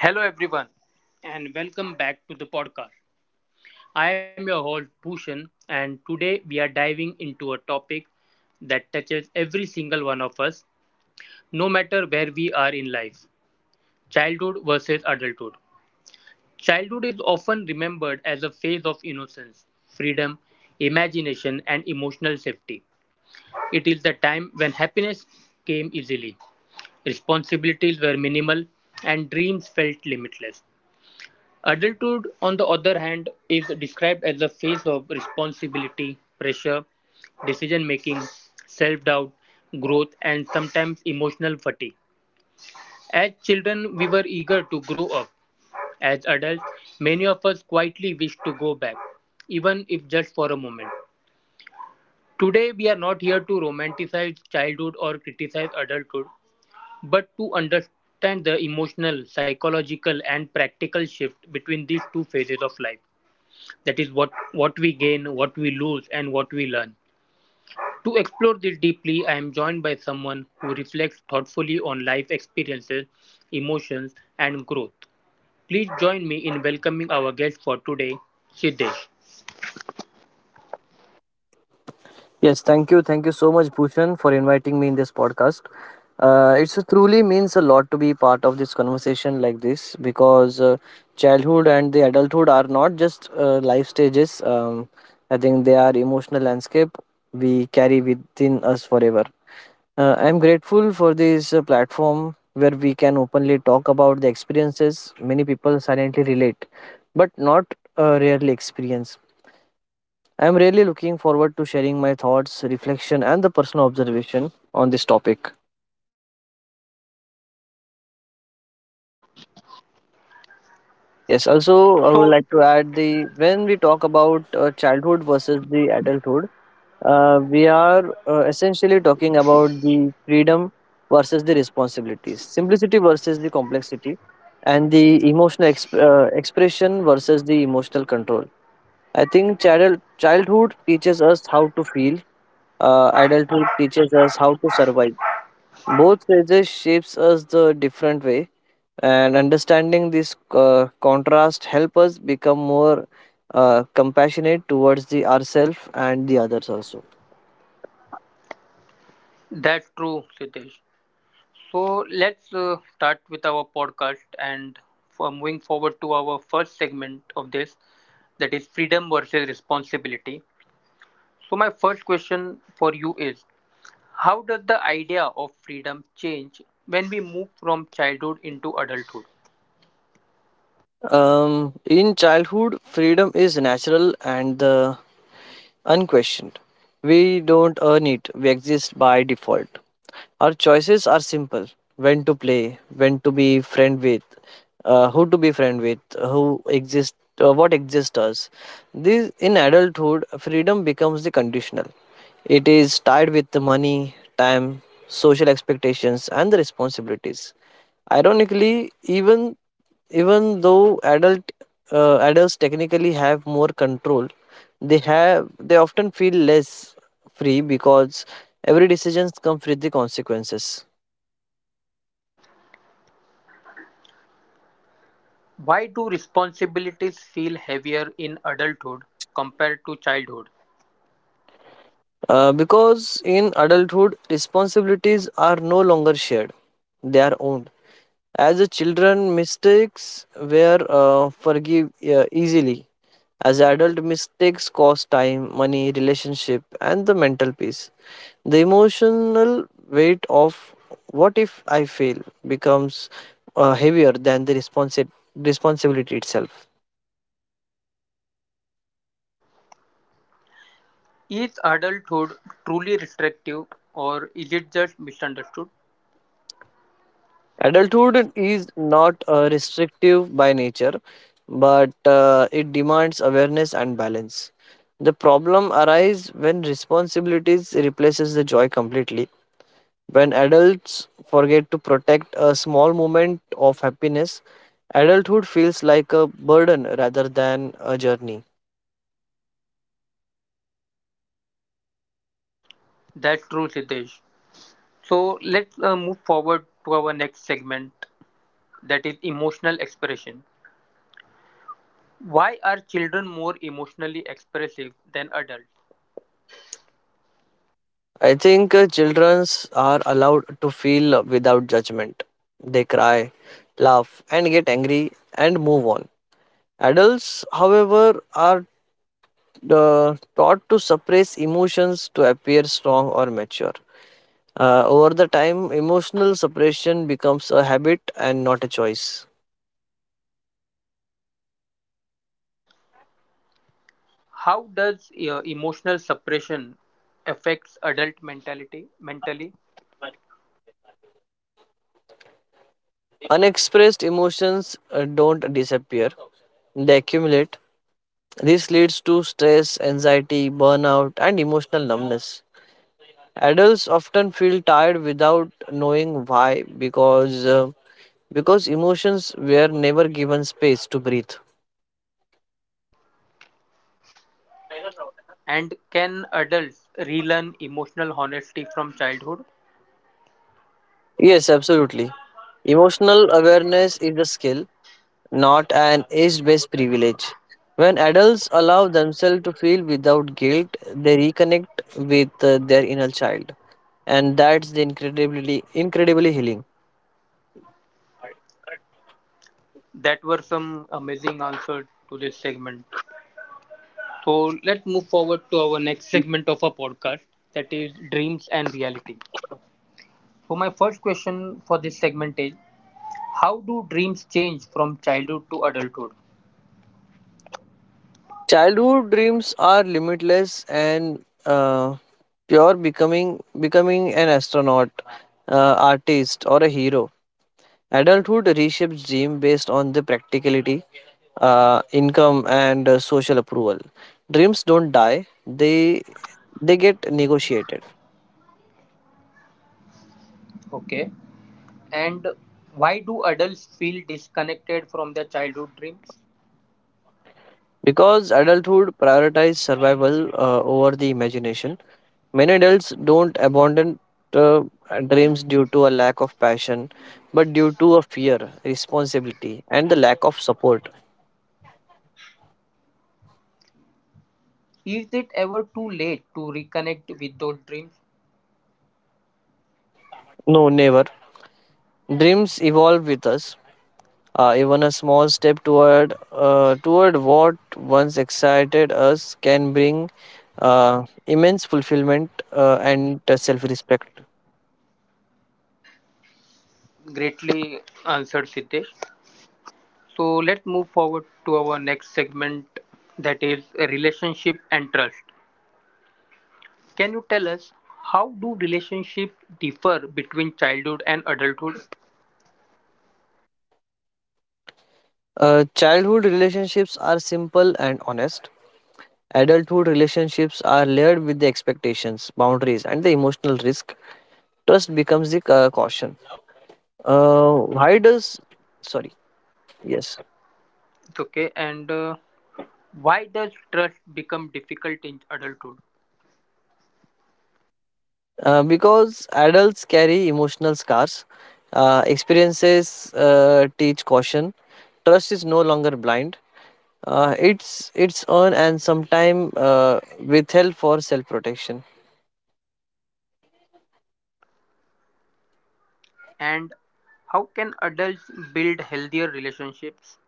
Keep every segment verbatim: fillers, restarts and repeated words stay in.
Hello, everyone, and welcome back to the podcast. I am your host, Bhushan, and today we are diving into a topic that touches every single one of us, no matter where we are in life: childhood versus adulthood. Childhood is often remembered as a phase of innocence, freedom, imagination, and emotional safety. It is the time when happiness came easily, responsibilities were minimal, and dreams felt limitless. Adulthood, on the other hand, is described as a phase of responsibility, pressure, decision making, self doubt, growth, and sometimes emotional fatigue. As children, we were eager to grow up. As adults, many of us quietly wish to go back, even if just for a moment. Today, we are not here to romanticize childhood or criticize adulthood, but to understand the emotional, psychological, and practical shift between these two phases of life. That is what, what we gain, what we lose, and what we learn. To explore this deeply, I am joined by someone who reflects thoughtfully on life experiences, emotions, and growth. Please join me in welcoming our guest for today, Siddesh. Yes, thank you. Thank you so much, Bhushan, for inviting me in this podcast. Uh, it's truly means a lot to be part of this conversation like this because uh, childhood and the adulthood are not just uh, life stages. Um, I think they are emotional landscape we carry within us forever. Uh, I'm grateful for this uh, platform where we can openly talk about the experiences many people silently relate, but not uh, rarely experience. I am really looking forward to sharing my thoughts, reflection, and the personal observation on this topic. Yes, also, I would So like to add the when we talk about uh, childhood versus the adulthood, uh, we are uh, essentially talking about the freedom versus the responsibilities, simplicity versus the complexity, and the emotional exp- uh, expression versus the emotional control. I think child- childhood teaches us how to feel, uh, adulthood teaches us how to survive. Both phases shapes us the different way, and understanding this uh, contrast help us become more uh, compassionate towards the ourselves and the others also. that's true, Siddesh. So let's uh, start with our podcast and for moving forward to our first segment of this, that is freedom versus responsibility. So my first question for you is: how does the idea of freedom change when we move from childhood into adulthood? Um, in childhood, freedom is natural, and the unquestioned. We don't earn it, we exist by default. Our choices are simple, when to play, when to be friend with, uh, who to be friend with, who exist, uh, what exists us. This, in adulthood, freedom becomes the conditional. It is tied with the money, time, social expectations, and the responsibilities. Ironically, even even though adult uh, adults technically have more control, they have they often feel less free because every decisions comes with the consequences. Why do responsibilities feel heavier in adulthood compared to childhood? Uh, because in adulthood responsibilities are no longer shared, they are owned. As a children mistakes were uh, forgive uh, easily, as adult mistakes cost time money relationship and the mental peace. The emotional weight of what if I fail becomes uh, heavier than the responsi- responsibility itself. Is adulthood truly restrictive, or is it just misunderstood? Adulthood is not uh, restrictive by nature, but uh, it demands awareness and balance. The problem arises when responsibilities replaces the joy completely. When adults forget to protect a small moment of happiness, adulthood feels like a burden rather than a journey. That's true, Siddesh. So let's uh, move forward to our next segment, that is emotional expression. Why are children more emotionally expressive than adults? I think uh, children are allowed to feel without judgment. They cry, laugh, and get angry and move on. Adults, however, are uh, taught to suppress emotions to appear strong or mature. Uh, over the time, emotional suppression becomes a habit and not a choice. How does uh, emotional suppression affects adult mentality mentally, Unexpressed emotions uh, don't disappear, they accumulate. This leads to stress, anxiety, burnout, and emotional numbness. Adults often feel tired without knowing why because uh, because emotions were never given space to breathe. and can adults relearn emotional honesty from childhood? Yes, absolutely. Emotional awareness is a skill, not an age based privilege. When adults allow themselves to feel without guilt, they reconnect with uh, their inner child. And that's the incredibly, incredibly healing. That were some amazing answers to this segment. So let's move forward to our next segment of our podcast, that is dreams and reality. So my first question for this segment is: how do dreams change from childhood to adulthood? Childhood dreams are limitless and uh, pure, becoming, becoming an astronaut, uh, artist, or a hero. Adulthood reshapes dream based on the practicality, uh, income and uh, social approval. Dreams don't die; they they get negotiated Okay. And why do adults feel disconnected from their childhood dreams? because adulthood prioritizes survival uh, over the imagination. Many adults don't abandon uh, dreams due to a lack of passion, but due to a fear, responsibility, and the lack of support. Is it ever too late to reconnect with those dreams? No, never. Dreams evolve with us. Uh, even a small step toward uh, toward what once excited us can bring uh, immense fulfillment uh, and self respect. Greatly answered, Siddesh. So let's move forward to our next segment, that is relationship and trust. Can you tell us, how do relationships differ between childhood and adulthood? Uh, childhood relationships are simple and honest. Adulthood relationships are layered with the expectations, boundaries, and the emotional risk. Trust becomes the uh, caution. Uh, why does, sorry, yes. Okay, and uh, why does trust become difficult in adulthood? Uh, because adults carry emotional scars, uh, experiences uh, teach caution. Trust is no longer blind. Uh, it's it's earned and sometimes uh, withheld for self protection. And how can adults build healthier relationships?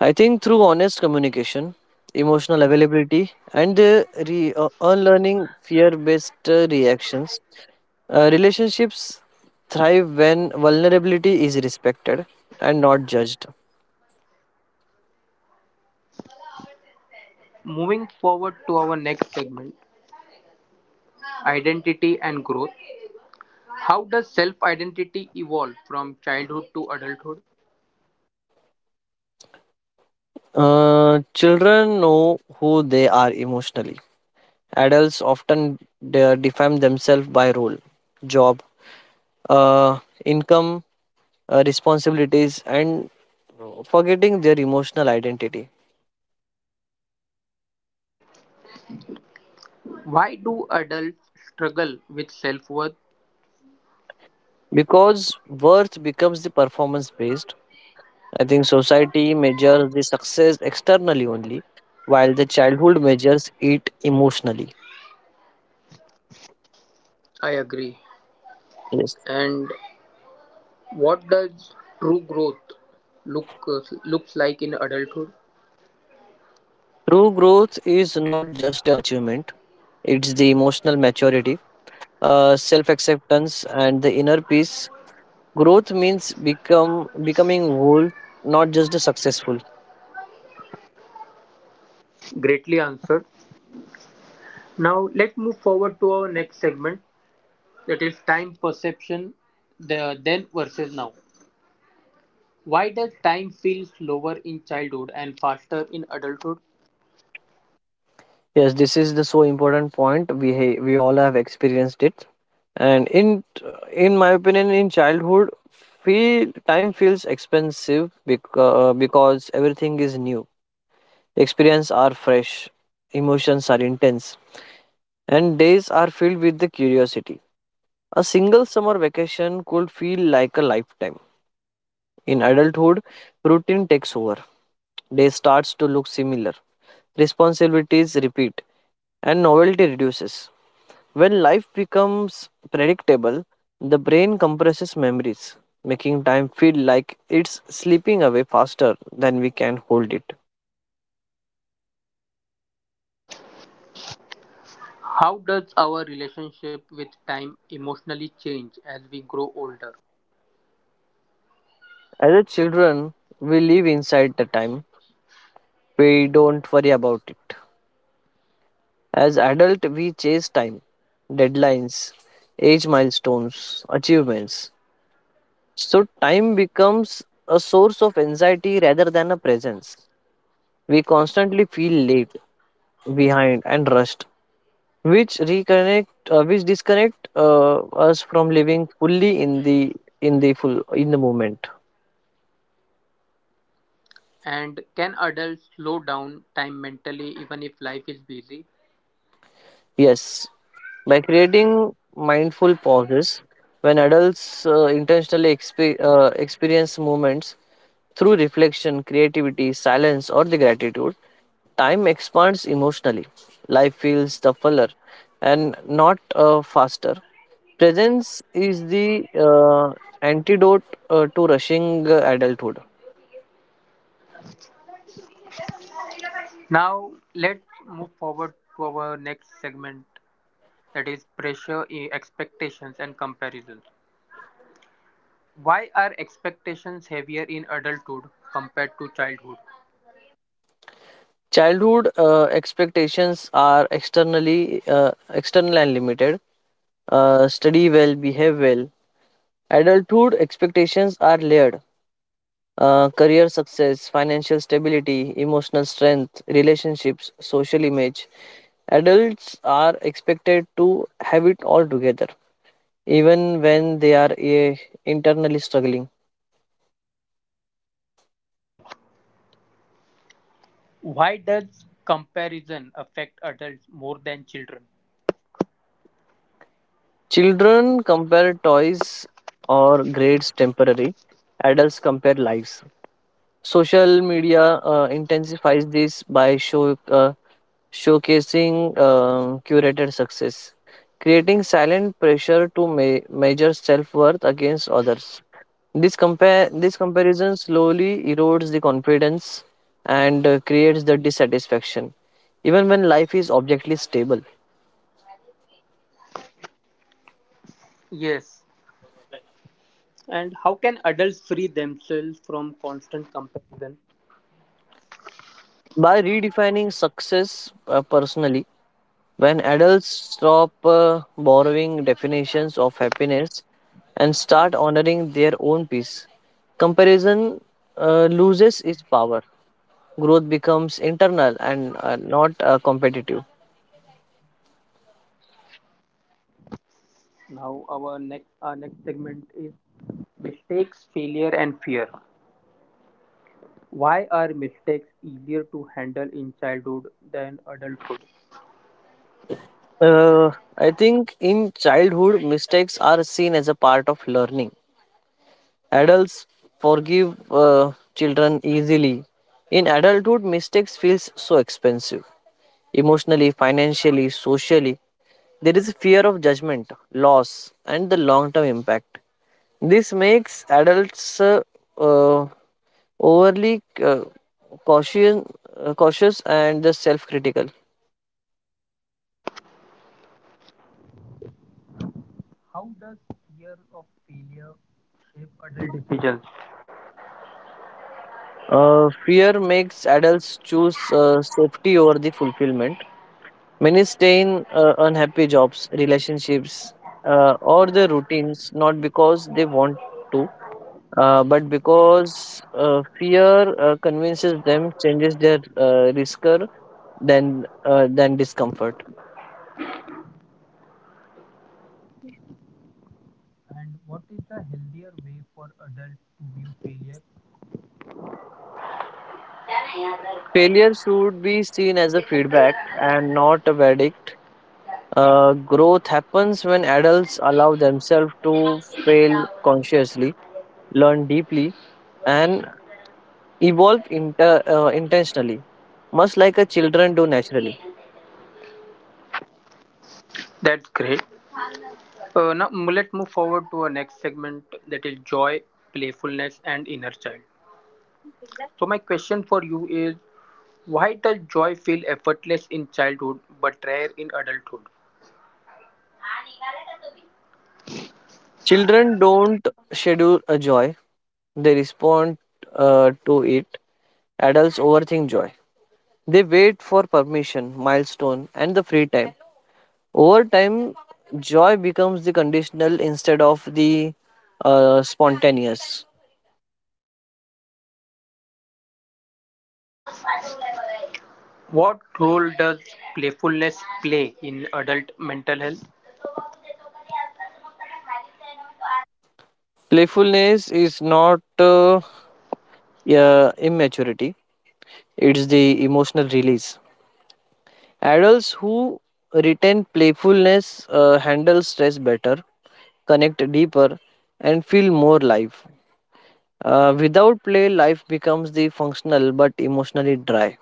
I think through honest communication, emotional availability, and the re- uh, unlearning fear based reactions, uh, relationships thrive when vulnerability is respected and not judged. Moving forward to our next segment, identity and growth. How does self identity evolve from childhood to adulthood? Uh, children know who they are emotionally. Adults often de- define themselves by role, job, uh, income, uh, responsibilities, and forgetting their emotional identity. Why do adults struggle with self worth? Because worth becomes the performance based, I think society measures the success externally only, while the childhood measures it emotionally. I agree. Yes. And what does true growth look uh, looks like in adulthood? True growth is not just achievement, it's the emotional maturity, uh, self acceptance and the inner peace. Growth means become becoming whole, not just successful. Greatly answered. Now let's move forward to our next segment, that is time perception, the then versus now. Why does time feel slower in childhood and faster in adulthood? Yes, this is the so important point, we ha- we all have experienced it. And in in my opinion, in childhood feel time feels expensive because, because everything is new, experience are fresh, emotions are intense, and days are filled with the curiosity. A single summer vacation could feel like a lifetime. In adulthood, routine takes over. Day starts to look similar. Responsibilities repeat and novelty reduces. When life becomes predictable, the brain compresses memories, making time feel like it's slipping away faster than we can hold it. How does our relationship with time emotionally change as we grow older? As a children, we live inside the time. We don't worry about it. As adult, we chase time, deadlines, age milestones, achievements. So time becomes a source of anxiety rather than a presence. We constantly feel late, behind, and rushed, which reconnect, uh, which disconnect uh, us from living fully in the in the full in the moment. And can adults slow down time mentally even if life is busy? Yes, by creating mindful pauses, when adults uh, intentionally expe- uh, experience moments through reflection, creativity, silence, or the gratitude. Time expands emotionally. Life feels the fuller and not uh, faster. Presence is the uh, antidote uh, to rushing uh, adulthood. Now, let's move forward to our next segment, that is pressure, eh, expectations, and comparisons. Why are expectations heavier in adulthood compared to childhood? Childhood uh, expectations are externally uh, external and limited. Uh, study well, behave well. Adulthood expectations are layered. Uh, career success, financial stability, emotional strength, relationships, social image. Adults are expected to have it all together even when they are eh, internally struggling. Why does comparison affect adults more than children? Children compare toys or grades temporary, adults compare lives. Social media uh, intensifies this by show, uh, showcasing uh, curated success, creating silent pressure to me- measure self worth against others. This, compare, this comparison slowly erodes the confidence and uh, creates the dissatisfaction, even when life is objectively stable. Yes. And how can adults free themselves from constant comparison? By redefining success uh, personally, when adults stop uh, borrowing definitions of happiness and start honoring their own peace, comparison uh, loses its power. Growth becomes internal and uh, not uh, competitive. Now, our next, our next segment is mistakes, failure, and fear. Why are mistakes easier to handle in childhood than adulthood? uh, I think in childhood mistakes are seen as a part of learning. Adults forgive uh, children easily. In adulthood mistakes feels so expensive, emotionally, financially, socially. There is fear of judgment, loss, and the long term impact. This makes adults uh, uh, overly uh, cautious, uh, cautious and the self critical. How does fear of failure shape adult decisions? Uh, fear makes adults choose uh, safety over the fulfillment. Many stay in uh, unhappy jobs, relationships, uh, or the routines not because they want to, uh, but because uh, fear uh, convinces them changes their uh, risker than uh, than discomfort. And what is the healthier way for adults to view failure? Failure should be seen as a feedback and not a verdict. Uh, growth happens when adults allow themselves to fail consciously, learn deeply, and evolve inter- uh, intentionally, much like a children do naturally. That's great. Uh, now, m- let's move forward to our next segment, that is joy, playfulness, and inner child. So my question for you is: why does joy feel effortless in childhood but rare in adulthood? Children don't schedule a joy, they respond uh, to it. Adults overthink joy. They wait for permission, milestone, and the free time. Over time, joy becomes the conditional instead of the uh, spontaneous. What role does playfulness play in adult mental health? Playfulness is not uh, yeah, immaturity, it's the emotional release. Adults who retain playfulness uh, handle stress better, connect deeper, and feel more live. Uh, without play, life becomes the functional but emotionally dry.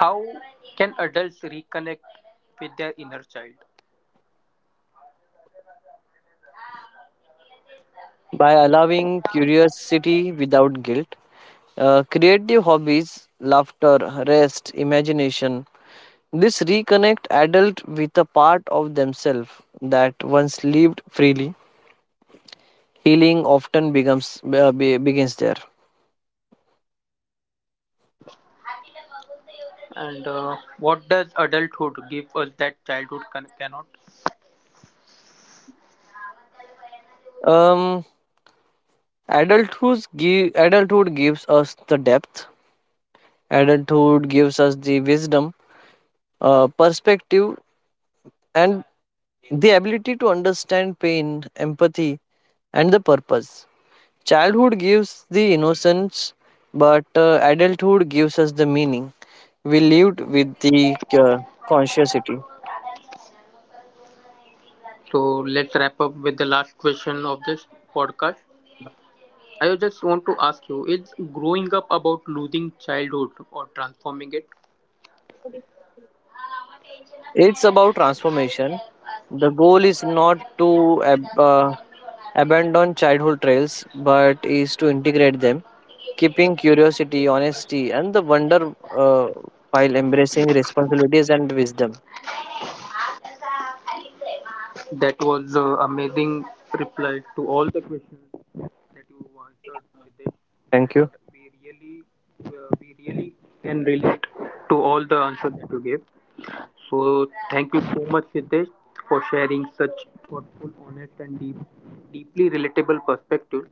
How can adults reconnect with their inner child? By allowing curiosity without guilt, Uh, creative hobbies, laughter, rest, imagination. This reconnect adult with a part of themselves that once lived freely. Healing often becomes uh, be- begins there. And uh, what does adulthood give us that childhood can- cannot? Um, adulthood give, Adulthood gives us the depth. Adulthood gives us the wisdom, uh, perspective, and the ability to understand pain, empathy, and the purpose. Childhood gives the innocence, but uh, adulthood gives us the meaning. We lived with the uh, consciousity. So let's wrap up with the last question of this podcast. I just want to ask you, is growing up about losing childhood or transforming it? It's about transformation. The goal is not to ab- uh, abandon childhood trails, but is to integrate them, keeping curiosity, honesty, and the wonder uh, while embracing responsibilities and wisdom. That was the amazing reply to all the questions that you answered with this, Thank you. and we really, uh, we really can relate to all the answers that you gave. So thank you so much, Siddesh, for sharing such thoughtful, honest, and deep, deeply relatable perspectives.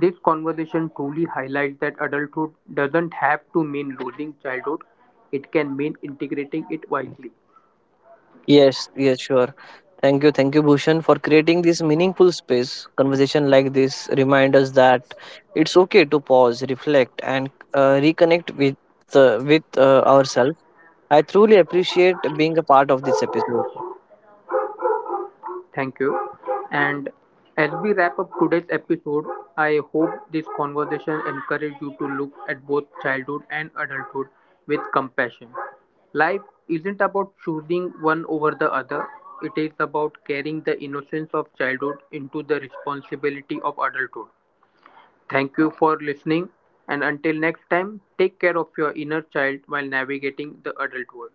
This conversation truly highlights that adulthood doesn't have to mean losing childhood; it can mean integrating it wisely. Yes, yes, sure. Thank you, thank you, Bhushan, for creating this meaningful space. Conversation like this remind us that it's okay to pause, reflect, and uh, reconnect with uh, with uh, ourselves. I truly appreciate being a part of this episode. Thank you. And as we wrap up today's episode, I hope this conversation encouraged you to look at both childhood and adulthood with compassion. Life isn't about choosing one over the other, it is about carrying the innocence of childhood into the responsibility of adulthood. Thank you for listening, and until next time, take care of your inner child while navigating the adult world.